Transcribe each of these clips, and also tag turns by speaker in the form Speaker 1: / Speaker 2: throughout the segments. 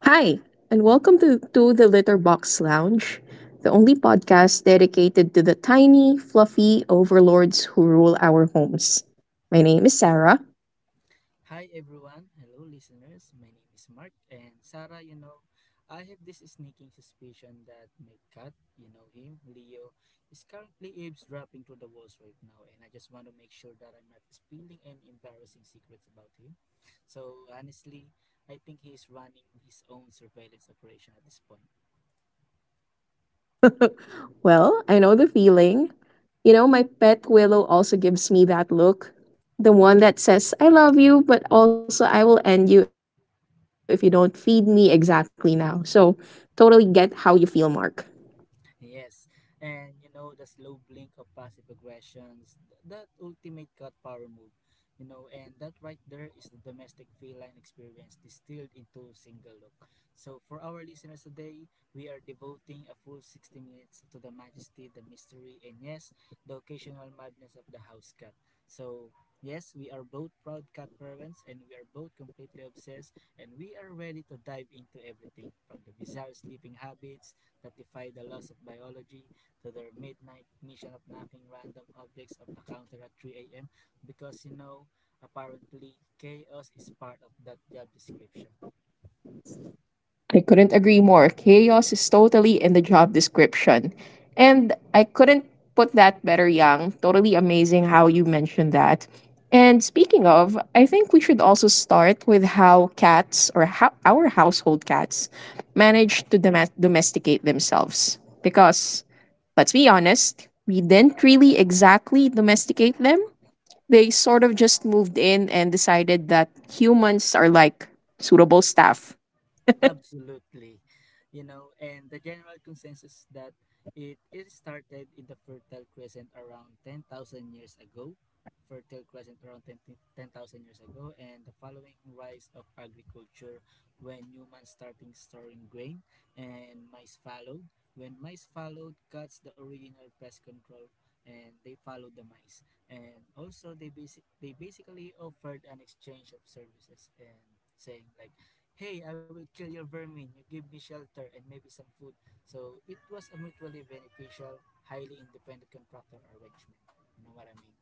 Speaker 1: Hi, and welcome to, the Litterbox Lounge, the only podcast dedicated to the tiny, fluffy overlords who rule our homes. My name is Sarah.
Speaker 2: Hi everyone, hello listeners. My name is Mark and Sarah, I have this sneaking suspicion that my cat, you know him, Leo, is currently eavesdropping through the walls right now, and I just want to make sure that I'm not spilling any embarrassing secrets about him. So honestly, I think he's running his own surveillance operation at this point.
Speaker 1: Well, I know the feeling. You know, my pet Willow also gives me that look. The one that says, I love you, but also I will end you if you don't feed me exactly now. So, totally get how you feel, Mark.
Speaker 2: Yes, and you know the slow blink of passive aggressions, that ultimate cut power move, and that right there is the domestic feline experience distilled into single look. So for our listeners today, we are devoting a full 60 minutes to the majesty, the mystery, and yes, the occasional madness of the house cat. So yes, we are both proud cat parents, and we are both completely obsessed, and we are ready to dive into everything from the bizarre sleeping habits that defy the laws of biology to their midnight mission of knocking random objects off the counter at 3 a.m. because apparently, chaos is part of that job description.
Speaker 1: I couldn't agree more. Chaos is totally in the job description. And I couldn't put that better, Yang. Totally amazing how you mentioned that. And speaking of, I think we should also start with how cats or how our household cats manage to domesticate themselves. Because let's be honest, we didn't really exactly domesticate them. They sort of just moved in and decided that humans are like suitable staff.
Speaker 2: Absolutely. And the general consensus that it started in the Fertile Crescent around 10,000 years ago. Fertile Crescent around ten thousand years ago, and the following rise of agriculture when humans starting storing grain and mice followed. When mice followed, cuts the original pest control, and they followed the mice. And also they basically offered an exchange of services, and saying, like, "Hey, I will kill your vermin. You give me shelter and maybe some food." So it was a mutually beneficial, highly independent contractor arrangement. You know what I mean?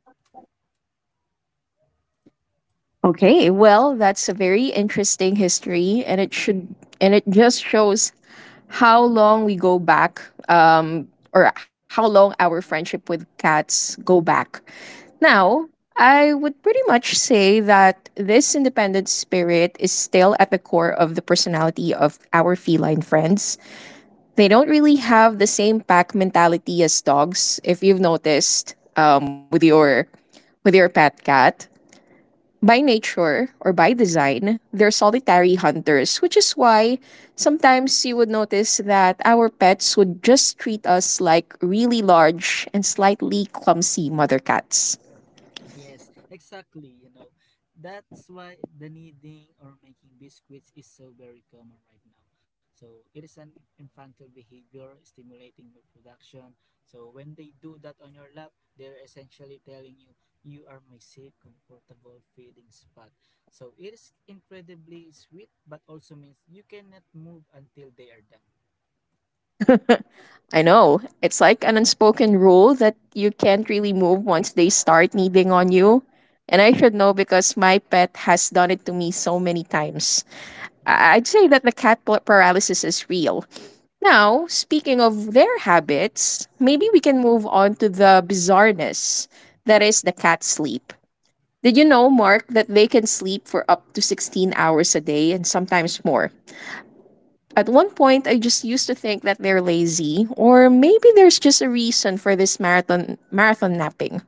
Speaker 1: Okay, well, that's a very interesting history, and it should and it just shows how long we go back, or how long our friendship with cats go back. Now, I would pretty much say that this independent spirit is still at the core of the personality of our feline friends. They don't really have the same pack mentality as dogs, if you've noticed, with your pet cat. By nature or by design, they're solitary hunters, which is why sometimes you would notice that our pets would just treat us like really large and slightly clumsy mother cats.
Speaker 2: Yes, exactly. That's why the kneading or making biscuits is so very common right now. So it is an infantile behavior stimulating milk production. So when they do that on your lap, they're essentially telling you you are my safe, comfortable feeding spot. So it is incredibly sweet, but also means you cannot move until they are done.
Speaker 1: I know. It's like an unspoken rule that you can't really move once they start kneading on you. And I should know because my pet has done it to me so many times.
Speaker 2: Mm.
Speaker 1: I'd say that the cat paralysis is real. Now, speaking of their habits, maybe we can move on to the bizarreness that is the cat sleep. Did you know, Mark, that they can sleep for up to 16 hours a day and sometimes more? At one point, I just used to think that they're lazy, or maybe there's just a reason for this marathon napping.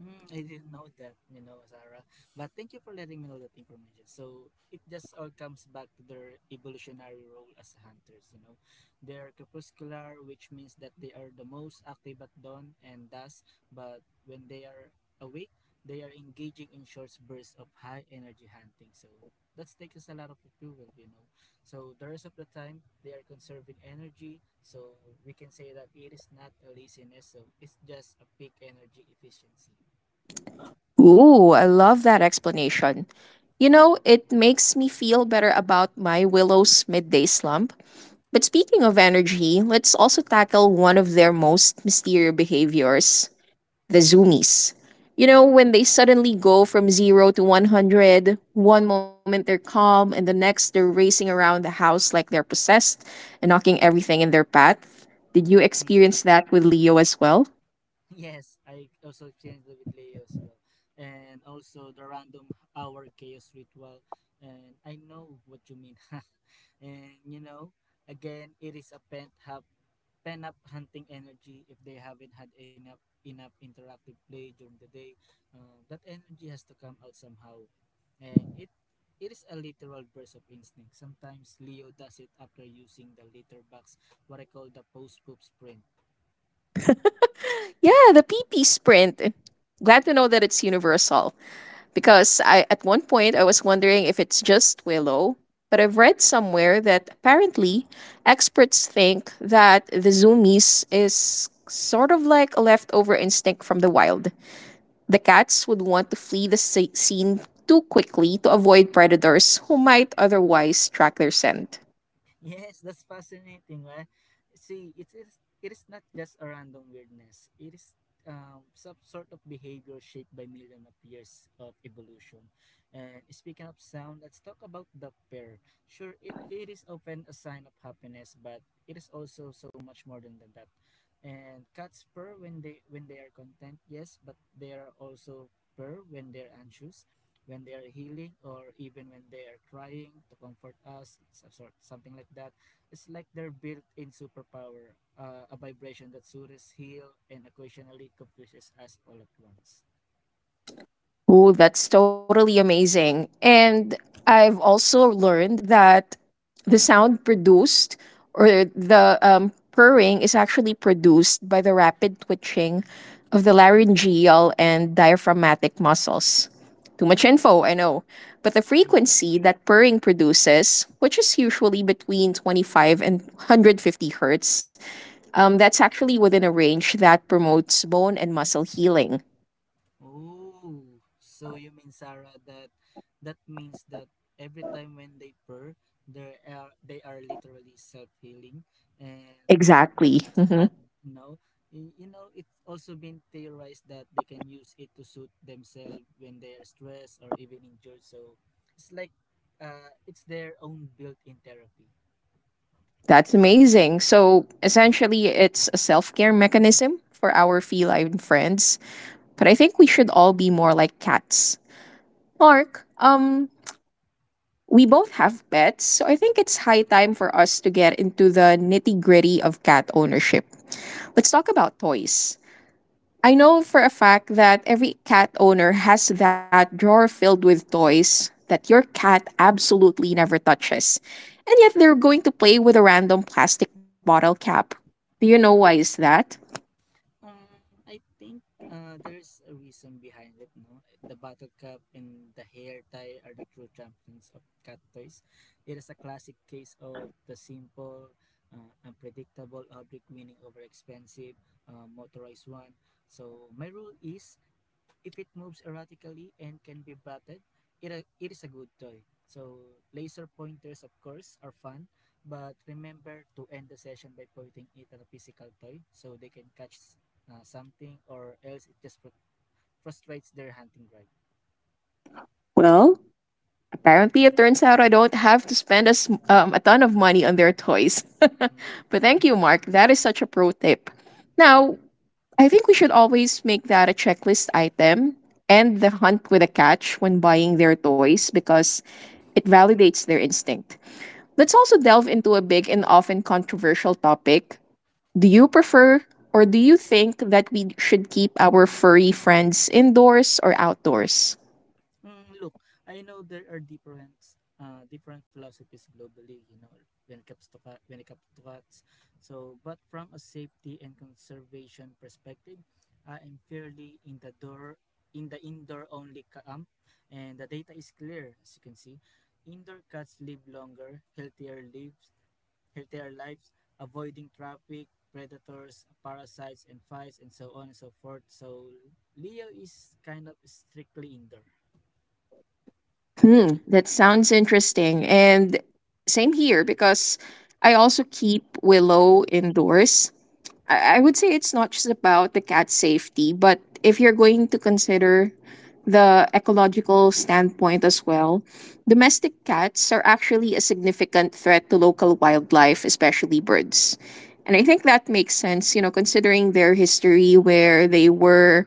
Speaker 2: Mm, I didn't know that, Sarah. But thank you for letting me know that information. So it just all comes back to their evolutionary role as hunters. They are crepuscular, which means that they are the most active at dawn and dusk, but when they are awake, they are engaging in short bursts of high energy hunting. So that takes us a lot of fuel. So the rest of the time, they are conserving energy. So we can say that it is not a laziness, so it's just a peak energy efficiency.
Speaker 1: Ooh, I love that explanation. You know, it makes me feel better about my Willow's midday slump. But speaking of energy, let's also tackle one of their most mysterious behaviors, the zoomies. You know, when they suddenly go from zero to 100, one moment they're calm, and the next they're racing around the house like they're possessed and knocking everything in their path. Did you
Speaker 2: Mm.
Speaker 1: experience that with Leo as well?
Speaker 2: Yes, I also experienced it with Leo as well, and also the random hour chaos ritual. And I know what you mean, and again, it is a pent up hunting energy. If they haven't had enough interactive play during the day, that energy has to come out somehow, and it is a literal burst of instinct. Sometimes Leo does it after using the litter box, what I call the post poop sprint.
Speaker 1: Yeah, the PP sprint. Glad to know that it's universal, because I at one point I was wondering if it's just Willow, but I've read somewhere that apparently experts think that the zoomies is sort of like a leftover instinct from the wild. The cats would want to flee the scene too quickly to avoid predators who might otherwise track their scent.
Speaker 2: Yes, that's fascinating, right? See, it is not just a random weirdness. It is some sort of behavior shaped by millions of years of evolution. And speaking of sound, let's talk about the pair. Sure, it is often a sign of happiness, but it is also so much more than that. And cats purr when they are content, yes, but they are also purr when they're anxious, when they are healing, or even when they are trying to comfort us, something like that. It's like their built-in superpower, a vibration that soothes heal and occasionally confuses us all at once.
Speaker 1: Oh, that's totally amazing. And I've also learned that the sound produced or the purring is actually produced by the rapid twitching of the laryngeal and diaphragmatic muscles. Too much info, I know. But the
Speaker 2: Hmm.
Speaker 1: frequency that purring produces, which is usually between 25 and 150 hertz, that's actually within a range that promotes bone and muscle healing.
Speaker 2: Oh, so you mean, Sarah, that means that every time when they purr, they are literally self-healing, and that's
Speaker 1: Exactly.
Speaker 2: just right. You know, it's also been theorized that they can use it to soothe themselves when they are stressed or even injured. So it's like, it's their own built-in therapy.
Speaker 1: That's amazing. So essentially, it's a self care mechanism for our feline friends. But
Speaker 2: Hmm.
Speaker 1: I think we should all be more like cats. Mark, we both have pets, so I think it's high time for us to get into the nitty gritty of cat ownership. Let's talk about toys. I know for a fact that every cat owner has that drawer filled with toys that your cat absolutely never touches. And yet they're going to play with a random plastic bottle cap. Do you know why is that?
Speaker 2: Um, I think there's a reason behind it, no? The Battle Cup and the hair tie are the true champions of cat toys. It is a classic case of the simple, unpredictable object winning over expensive, motorized one. So my rule is if it moves erratically and can be batted, it is a good toy. So laser pointers, of course, are fun, but remember to end the session by pointing it at a physical toy so they can catch something, or else it just frustrates their hunting drive.
Speaker 1: Well, apparently, it turns out I don't have to spend a, a ton of money on their toys.
Speaker 2: Mhm.
Speaker 1: But thank you, Mark. That is such a pro tip. Now, I think we should always make that a checklist item and the hunt with a catch when buying their toys because it validates their instinct. Let's also delve into a big and often controversial topic. Do you prefer or do you think that we should keep our furry friends indoors or outdoors?
Speaker 2: Mm, look, I know there are different philosophies globally, when it comes to cut, when it comes to cuts. So, but from a safety and conservation perspective, I am fairly in the indoor only camp, and the data is clear as you can see. Indoor cats live longer, healthier lives, avoiding traffic, predators, parasites, and flies, and so on and so forth. So Leo is kind of strictly indoor.
Speaker 1: Hmm, that sounds interesting. And same here because I also keep Willow indoors. I would say it's not just about the cat safety, but if you're going to consider the ecological standpoint as well, domestic cats are actually a significant threat to local wildlife, especially birds. And I think that makes sense, you know, considering their history where they were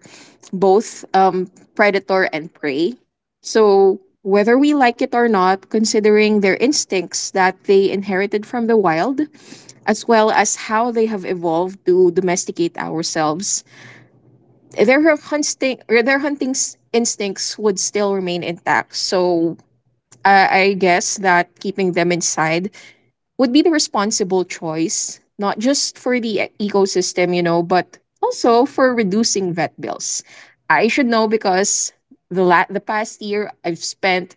Speaker 1: both predator and prey. So, whether we like it or not, considering their instincts that they inherited from the wild, as well as how they have evolved to domesticate ourselves. Their hunting instincts would still remain intact. So I guess that keeping them inside would be the responsible choice, not just for the ecosystem, you know, but also for reducing vet bills. I should know because the past year I've spent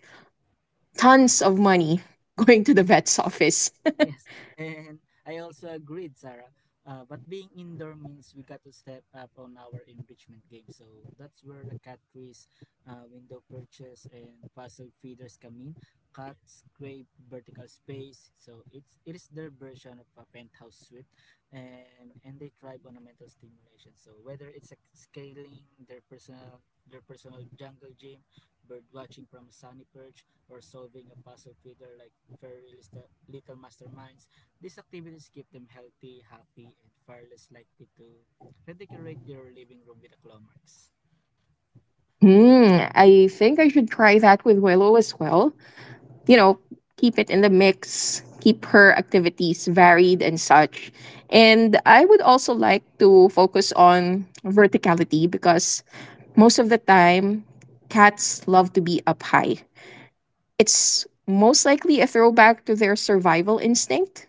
Speaker 1: tons of money going to the vet's office.
Speaker 2: Yes, and I also agreed, Sarah. But being indoor means we got to step up on our enrichment game. So that's where the cat trees, window perches, and puzzle feeders come in. Cats scrape, vertical space, so it is their version of a penthouse suite, and they thrive on a mental stimulation. So whether it's like scaling their personal jungle gym, bird watching from a sunny perch, or solving a puzzle feeder like very little masterminds. These activities keep them healthy, happy, and far less likely to redecorate your living room with a claw marks.
Speaker 1: Hmm, I think I should try that with Willow as well. You know, keep it in the mix, keep her activities varied and such. And I would also like to focus on verticality because most of the time, cats love to be up high. It's most likely a throwback to their survival instinct,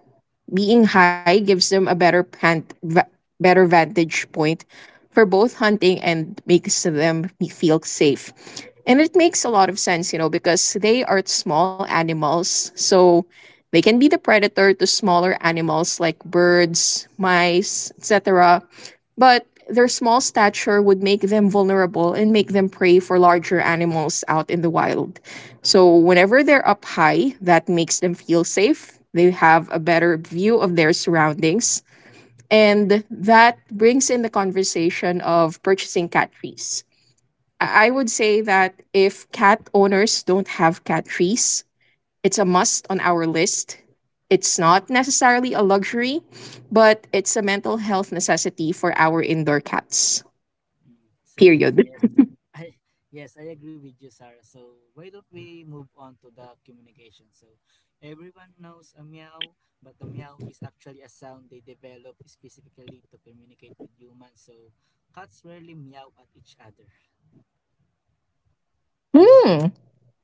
Speaker 1: being high gives them a better vantage point for both hunting and makes them feel safe. And it makes a lot of sense, you know, because they are small animals, so they can be the predator to smaller animals like birds, mice, etc. But their small stature would make them vulnerable and make them prey for larger animals out in the wild. So, whenever they're up high, that makes them feel safe. They have a better view of their surroundings. And that brings in the conversation of purchasing cat trees. I would say that if cat owners don't have cat trees, it's a must on our list. It's not necessarily a luxury, but it's a mental health necessity for our indoor cats.
Speaker 2: Mm, so
Speaker 1: Period.
Speaker 2: yes, I yes I agree with you, Sarah. So why don't we move on to the communication? So everyone knows a meow, but the meow is actually a sound they develop specifically to communicate with humans. So cats rarely meow at each other.
Speaker 1: Hmm.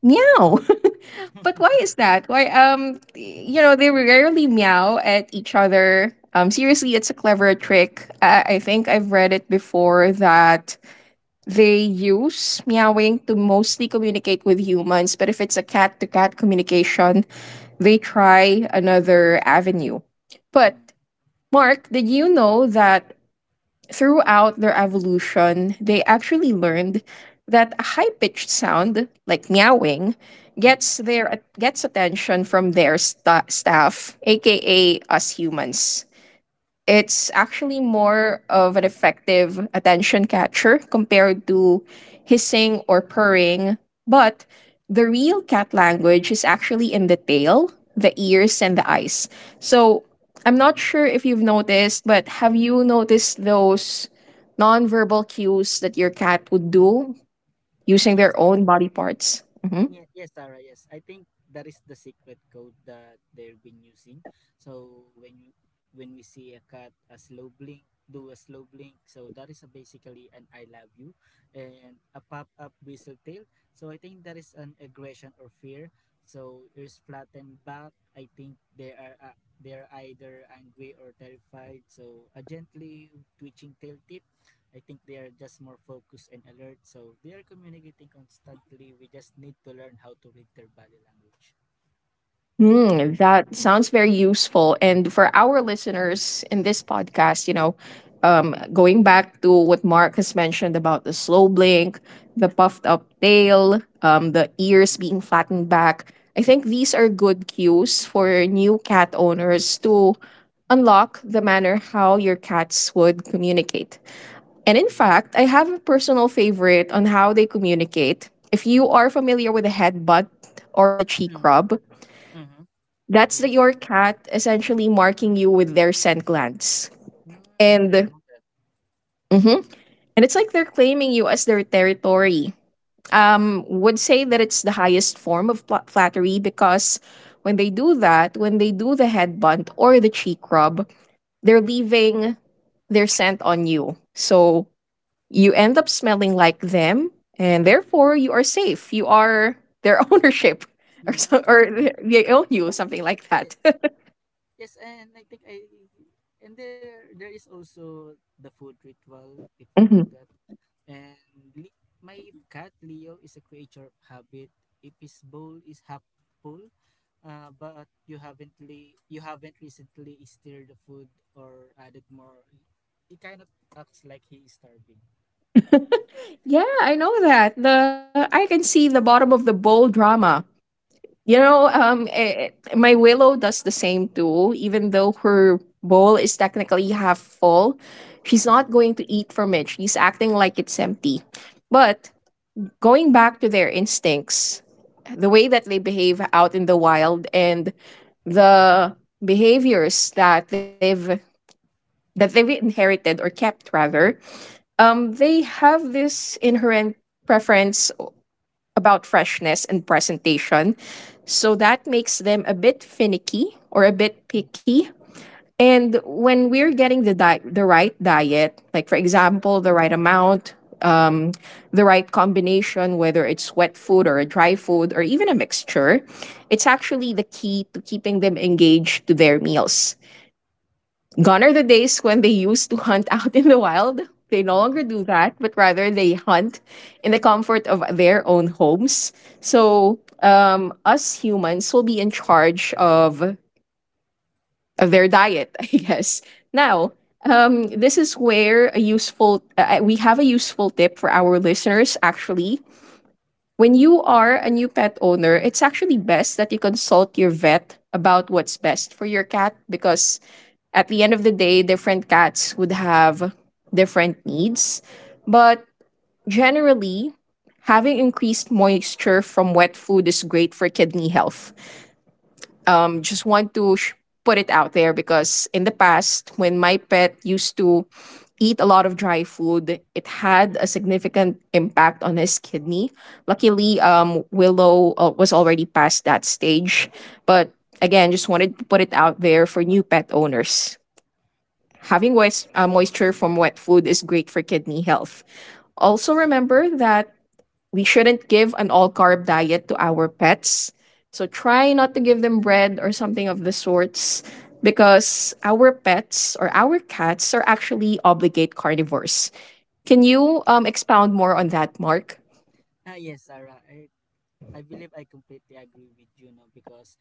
Speaker 1: Meow. But why is that? Why you know they rarely meow at each other. Um, seriously, it's a clever trick. I think I've read it before that they use meowing to mostly communicate with humans, but if it's a cat to cat communication, they try another avenue. But,
Speaker 2: Mm,
Speaker 1: Mark, did you know that throughout their evolution, they actually learned that a high pitched sound, like meowing,
Speaker 2: mm.
Speaker 1: gets attention from their staff, aka us humans. It's actually more of an effective attention catcher compared to hissing or purring. But the real cat language is actually in the tail, the ears, and the eyes. So I'm not sure if you've noticed, but have you noticed those nonverbal cues that your cat would do using their
Speaker 2: Yes,
Speaker 1: own body parts? Mhm.
Speaker 2: yeah, yes, Sarah, yes. I think that is the secret code that they've been using. So when we see a cat, a slow blink, do a slow blink. So that is a basically an I love you and a pop up whistle tail. So I think that is an aggression or fear. So ears flattened back. I think they are either angry or terrified. So a gently twitching tail tip. I think they are just more focused and alert. So they are communicating constantly. We just need to learn how to read their body language.
Speaker 1: Hmm, that sounds very useful. And for our listeners in this podcast, you know, going back to what Mark has mentioned about the slow blink, the puffed up tail, the ears
Speaker 2: Mm.
Speaker 1: being flattened back, I think these are good cues for new cat owners to unlock the manner how your cats would communicate. And in fact, I have a personal favorite on how they communicate. If you are familiar with the headbutt or the cheek
Speaker 2: Mm.
Speaker 1: rub,
Speaker 2: Mm-hmm.
Speaker 1: that's the,
Speaker 2: Yes.
Speaker 1: your cat essentially marking you with their scent glands.
Speaker 2: Mm, I didn't
Speaker 1: And
Speaker 2: know that.
Speaker 1: mhm. And it's like they're claiming you as their territory. Would say that
Speaker 2: Mm.
Speaker 1: it's the highest form of flattery because when they do that, when they do the head bunt or the cheek rub, they're
Speaker 2: Mm.
Speaker 1: leaving their scent on you. So you end up smelling like them, and therefore you are safe. You are their ownership, or
Speaker 2: Mm,
Speaker 1: so,
Speaker 2: I
Speaker 1: or
Speaker 2: see.
Speaker 1: they own you, something like
Speaker 2: Eh,
Speaker 1: that.
Speaker 2: yes, and I think I and there is also the food ritual if you know that. And li- my cat Leo is a creature of habit. If his bowl is half full, but you haven't recently stirred the food or added more, he kind of acts like he is starving.
Speaker 1: Yeah, I know that. The I can see the bottom of the bowl drama. You know,
Speaker 2: Yeah.
Speaker 1: my Willow does the same too. Even though her bowl is technically half full, she's not
Speaker 2: Mm-hmm.
Speaker 1: going to eat from it. She's acting like it's empty. But going back to their instincts, the way that they behave out in the wild and the behaviors that they've inherited or kept rather, they have this inherent preference about freshness and presentation. So that makes them a bit finicky or a bit picky. And when we're getting the right diet, like for example, the right amount, um, the right combination, whether it's wet food or a dry food or even a mixture, it's actually the key to keeping them engaged to their meals. Gone are the days when they used to hunt out in the wild. They no
Speaker 2: Mm-hmm.
Speaker 1: longer do that, but rather they hunt in the comfort of their own homes. So, us humans will be in charge of their diet, I guess. Now, this is where a useful we have a useful tip for our listeners. Actually, when you are a new pet owner, it's actually best that you consult your vet about what's best for your cat because at the end of the day, different cats would have different needs, but generally, having increased moisture from wet food is great for kidney health. Just want to put it out there because in the past, when my pet used to eat a lot of dry food, it had a significant impact on his kidney. Luckily, Willow was already past that stage, but again, just wanted to put it out there for new pet owners. Having moisture from wet food is great for kidney health. Also, remember that we shouldn't give an all carb diet to our pets. So, try not to give them bread or something of the sorts because our pets or our cats are actually obligate carnivores. Can you expound more on that, Mark?
Speaker 2: Yes, Sarah. I believe I completely agree with you, no, because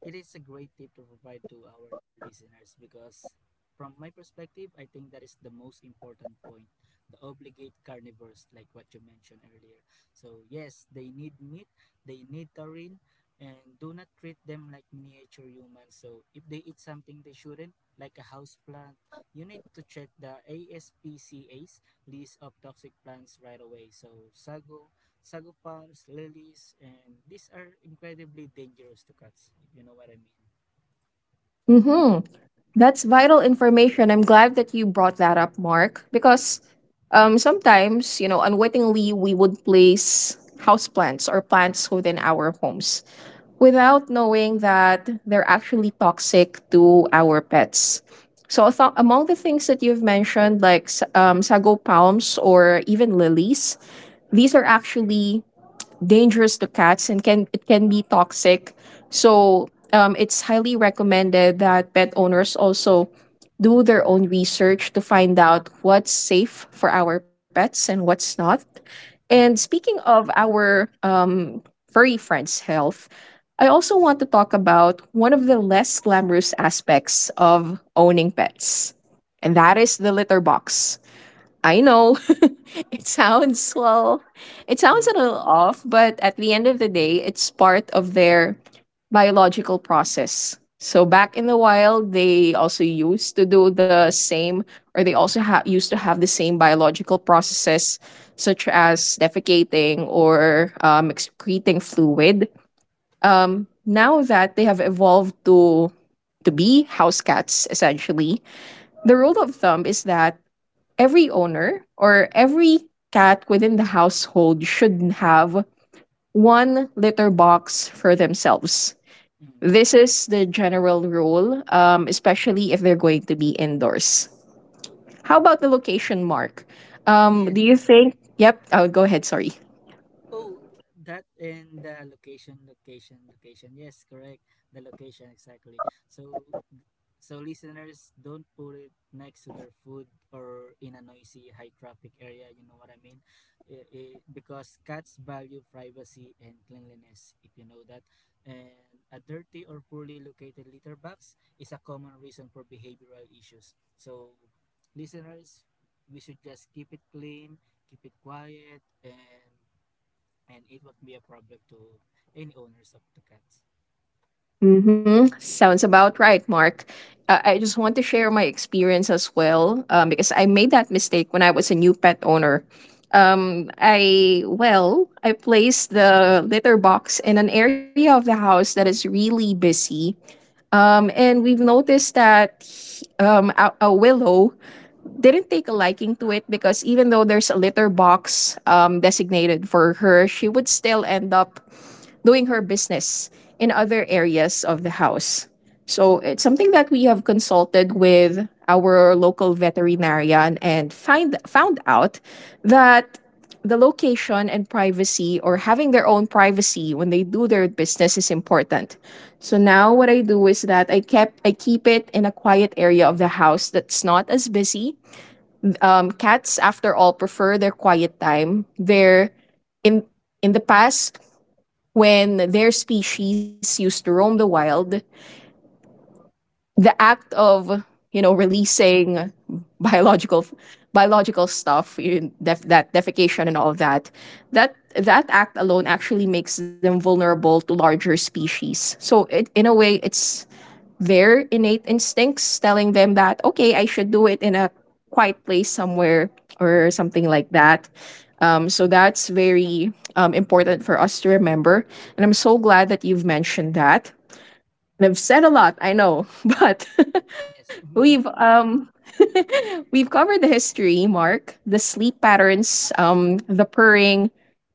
Speaker 2: it is a great tip to provide to our listeners. Because from my perspective, I think that is the most important point. The obligate carnivores, like what you mentioned earlier. So yes, they need meat, they need taurine, and do not treat them like miniature humans. So if they eat something they shouldn't, like a house plant, you need to check the ASPCA's list of toxic plants right away. So sago, sagupans, lilies, and these are incredibly dangerous to cats, if you know what I mean.
Speaker 1: Mhm. That's vital information. I'm glad that you brought that up, Mark, because sometimes, you know, unwittingly, we would place houseplants or plants within our homes without knowing that they're actually toxic to our pets. So, I thought among the things that you've mentioned, like sago palms or even lilies, these are actually dangerous to cats and can it can be toxic. So it's highly recommended that pet owners also do their own research to find out what's safe for our pets and what's not. And
Speaker 2: Mm,
Speaker 1: speaking of our furry friends' health, I also want to talk about one of the less glamorous aspects of owning pets, and that is the litter box. I know it sounds well, it sounds
Speaker 2: mm,
Speaker 1: a little off, but at the end of the day, it's part of their biological process. So back in the wild, they also used to do the same, or they also used to have the same biological processes, such as defecating or excreting fluid. Now that they have evolved to be house cats, essentially, the rule of thumb is that every owner or every cat within the household should have one litter box for themselves.
Speaker 2: mm.
Speaker 1: This is the general rule, especially if they're going to be indoors. How about the location, Mark?
Speaker 2: Yes.
Speaker 1: Do you think? Yep. Oh, go ahead. Sorry.
Speaker 2: Oh, that and the location, location, location. Yes, correct. The location, exactly. So, so listeners, don't put it next to their food or in a noisy, high traffic area. You know what I mean? Because cats value privacy and cleanliness. If you know that, and a dirty or poorly located litter box is a common reason for behavioral issues. So listeners, we should just keep it clean, keep it quiet, and it won't be a problem to any owners of the cats.
Speaker 1: Mm-hmm. Sounds about right, Mark. I just want to share my experience as well because I made that mistake when I was a new pet owner. Well, I placed the litter box in an area of the house that is really busy. And we've noticed that a willow didn't take a liking to it because even though there's a litter box designated for her, she would still end up doing her business in other areas of the house. So it's something that we have consulted with our local veterinarian and find found out that the location and privacy or having their own privacy when they do their business is important. So now what I do is that I keep it in a quiet area of the house that's not as busy. Cats, after all, prefer their quiet time. They're in in the past when their species used to roam the wild, the act of you know releasing biological biological stuff, that defecation and all of that, that act alone actually makes them vulnerable to larger species. So it, in a way, it's their innate instincts telling them that okay I should do it in a quiet place somewhere or something like that, so that's very important for us to remember, and I'm so glad that you've mentioned that. And I've said a lot, I know, but
Speaker 2: Yes.
Speaker 1: we've we've covered the history, Mark, the sleep patterns, the purring,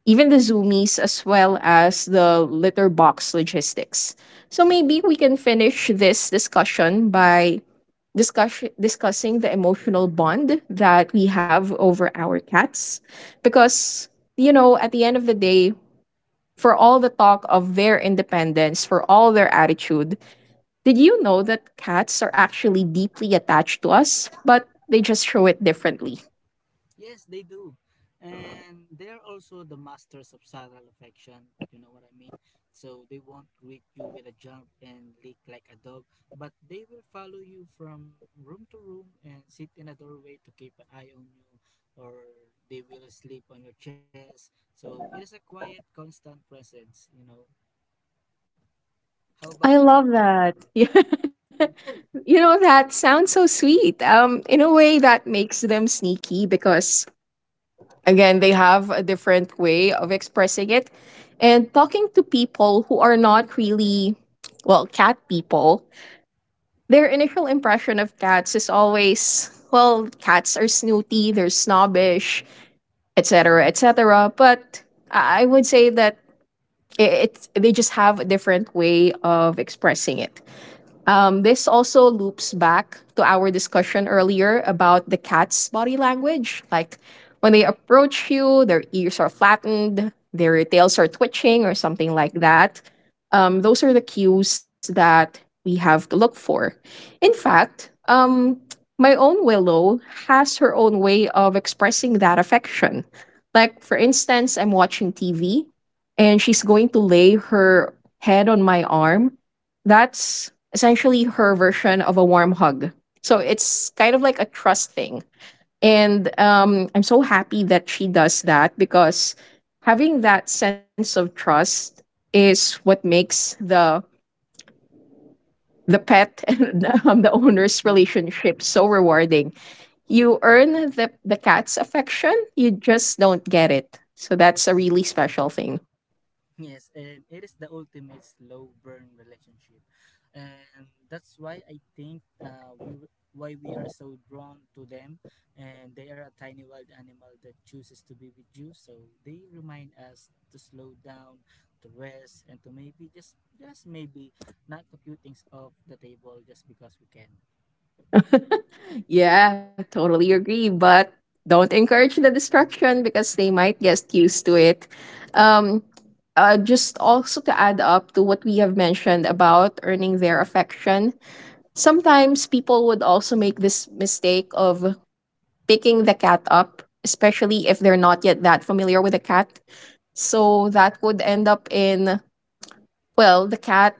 Speaker 1: even the zoomies, as well as the litter box logistics. So maybe we can finish this discussion by discussing the emotional bond that we have over our cats. Because, you know, at the end of the day, for all the talk of their independence, for all their attitude, did you know that cats are actually deeply attached to us, but they just show it differently?
Speaker 2: Yes, they do. And they're also the masters of subtle affection, you know what I mean? So they won't greet you with a jump and lick like a dog, but they will follow you from room to room and sit in a doorway to keep an eye on you, or they will sleep on your chest. So it is a quiet, constant presence. How about you,
Speaker 1: I
Speaker 2: Sarah?
Speaker 1: love that. Yeah. You know, that sounds so sweet. In a way
Speaker 2: Yes.
Speaker 1: that makes them sneaky because again, they have a different way of expressing it. And talking to people who are not really well, cat people, their initial impression of cats is always, well, cats are snooty, they're snobbish, etc., etc. But I would say that it, it's they just have a different way of expressing it. This also loops back to our discussion earlier about the cat's body language. Like when they approach you, their ears are flattened, their tails are twitching, or something like that. Those are the cues that we have to look for. In fact, my own Willow has her own way of expressing that affection. Like, for instance, I'm watching TV and she's going to lay her head on my arm. That's essentially her version of a warm hug. So it's kind of like a trust thing. And I'm so happy that she does that because having that sense of trust is what makes the pet and the owner's relationship so rewarding. You earn the cat's affection, you just don't get it. So that's a really special thing.
Speaker 2: Yes, and it is the ultimate slow burn relationship, and that's why I think why we are so drawn to them. And they are a tiny wild animal that chooses to be with you. So they remind us to slow down, to rest, and to maybe just maybe not a few things off the table just because we can.
Speaker 1: Yeah,
Speaker 2: You know.
Speaker 1: totally agree. But don't encourage the destruction because they might get used to it. Um, just also to add up to what we have mentioned about earning their affection, sometimes people would also make this mistake of picking the cat up, especially if they're not yet that familiar with the cat. So that would end up in, well, the cat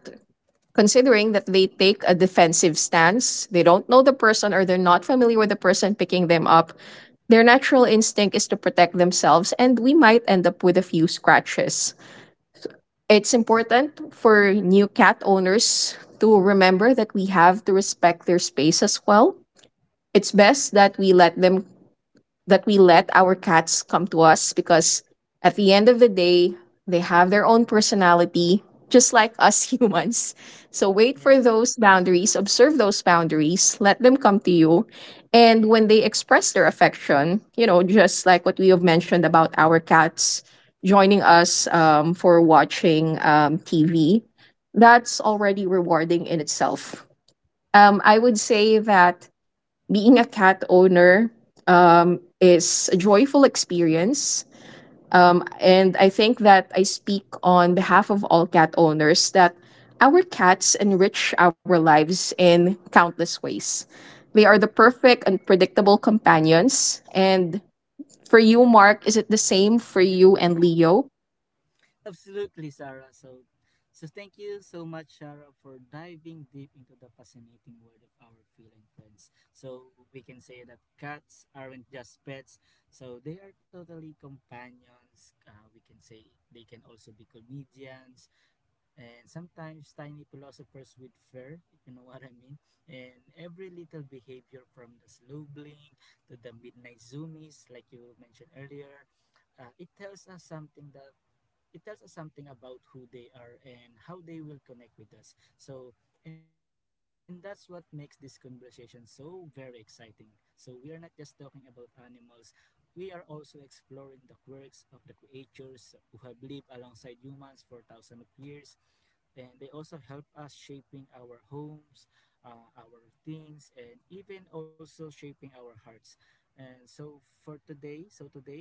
Speaker 1: considering that they take a defensive stance, they don't know the person or they're not familiar with the person picking them up, their natural instinct is to protect themselves, and we might end up with a few scratches. It's important for new cat owners to remember that we have to respect their space as well. It's best that we let them that we let our cats come to us because at the end of the day, they have their own personality, just like us
Speaker 2: Mm,
Speaker 1: humans. So wait
Speaker 2: yes.
Speaker 1: for those boundaries, observe those boundaries, let them come to you. And when they express their affection, you know, just like what we have mentioned about our cats joining us for watching TV, that's already rewarding in itself. I would say that being a cat owner is a joyful experience. And I think that I speak on behalf of all cat owners that our cats enrich our lives in countless ways. They are the perfect and predictable companions. And for you, Mark, is it the same for you and Leo?
Speaker 2: Absolutely, Sarah. So, thank you so much, Sarah, for diving deep into the fascinating world of our feline friends. So we can say that cats aren't just pets. So they are totally companions. We can say they can also be comedians and sometimes tiny philosophers with fur, if you know what I mean. And every little behavior, from the slow blink to the midnight zoomies, like you mentioned earlier, it tells us something that it tells us something about who they are and how they will connect with us. So and that's what makes this conversation so very exciting. So we are not just talking about animals, we are also exploring the quirks of the creatures who have lived alongside humans for thousands of years. And they also help us shaping our homes, our routines, and even also shaping our hearts. And so today,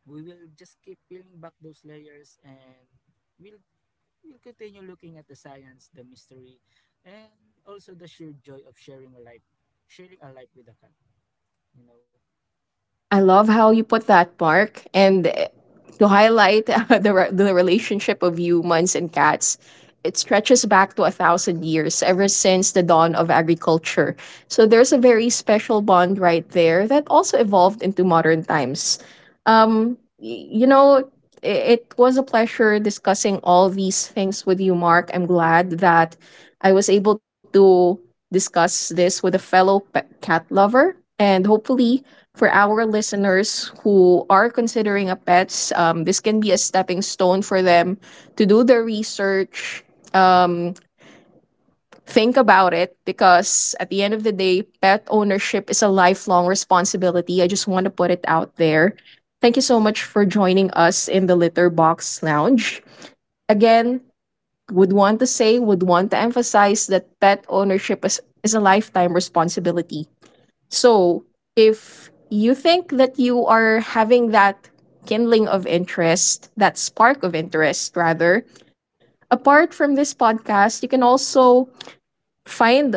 Speaker 2: we will just keep peeling back those layers, and we'll we'll continue looking at the science, the mystery, and also the sheer joy of sharing a life with a cat. You know.
Speaker 1: I love how you put that, Mark. And to highlight the relationship of humans and cats, it stretches back to a thousand years, ever since the dawn of agriculture. So there's a very special bond right there that also evolved into modern times. You know, it was a pleasure discussing all these things with you, Mark. I'm glad that I was able to discuss this with a fellow cat lover. And hopefully, for our listeners who are considering a pets, this can be a stepping stone for them to do the research, um, think about it, because at the end of the day, pet ownership is a lifelong responsibility. I just want to put it out there. Thank you so much for joining us in the Litter Box Lounge. Again, would want to emphasize that pet ownership is a lifetime responsibility. So, if you think that you are having that kindling of interest, that spark of interest, rather, apart from this podcast, you can also find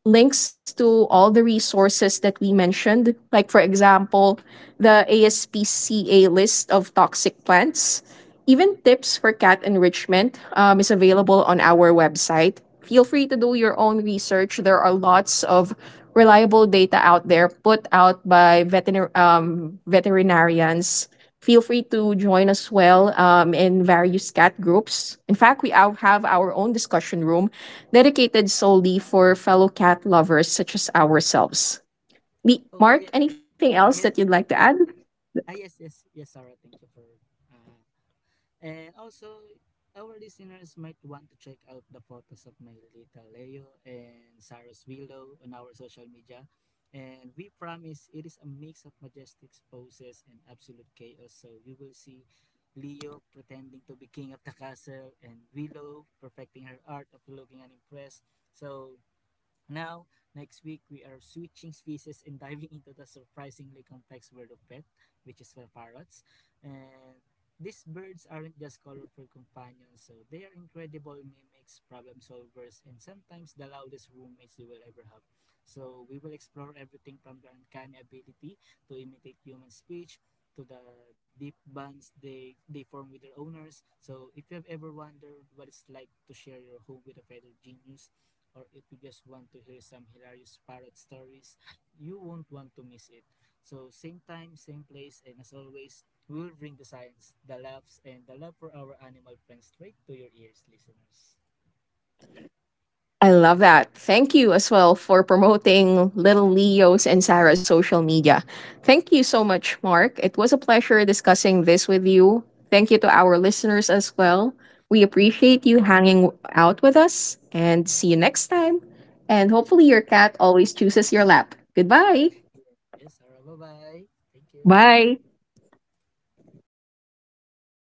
Speaker 1: links to all the resources that we mentioned, like, for example, the ASPCA list of toxic plants. Even tips for cat enrichment is available on our website. Feel free to do your own research. There are lots of reliable data out there put out by veterinarians. Feel free to join us in various cat groups. In fact, we have our own discussion room dedicated solely for fellow cat lovers such as ourselves.
Speaker 2: Oh
Speaker 1: Mark,
Speaker 2: yeah,
Speaker 1: anything else that you'd
Speaker 2: yes,
Speaker 1: like to add?
Speaker 2: yes, yes, yes, yes, Sarah. Thank you for uh, And also, our listeners might want to check out the photos of my little Leo and Sarah's Willow on our social media. And we promise it is a mix of majestic poses and absolute chaos. So you will see Leo pretending to be king of the castle and Willow perfecting her art of looking unimpressed. So now, next week, we are switching species and diving into the surprisingly complex world of pet, which is for parrots. And these birds aren't just colorful companions, so they are incredible mimics, problem solvers, and sometimes the loudest roommates you will ever have. So we will explore everything from the uncanny ability to imitate human speech to the deep bonds they form with their owners. So if you have ever wondered what it's like to share your home with a feathered genius, or if you just want to hear some hilarious parrot stories, you won't want to miss it. So same time, same place, and as always, we'll bring the science, the laughs, and the love for our animal friends straight to your ears, listeners.
Speaker 1: I love that. Thank you as well for promoting little Leo's and Sarah's social media. Thank you so much, Mark. It was a pleasure discussing this with you. Thank you to our listeners as well. We appreciate you hanging out with us and see you next time. And hopefully,
Speaker 2: See
Speaker 1: your
Speaker 2: you
Speaker 1: cat always chooses your lap. Goodbye.
Speaker 2: again. Yes, Sarah, bye-bye. Thank you.
Speaker 1: Bye.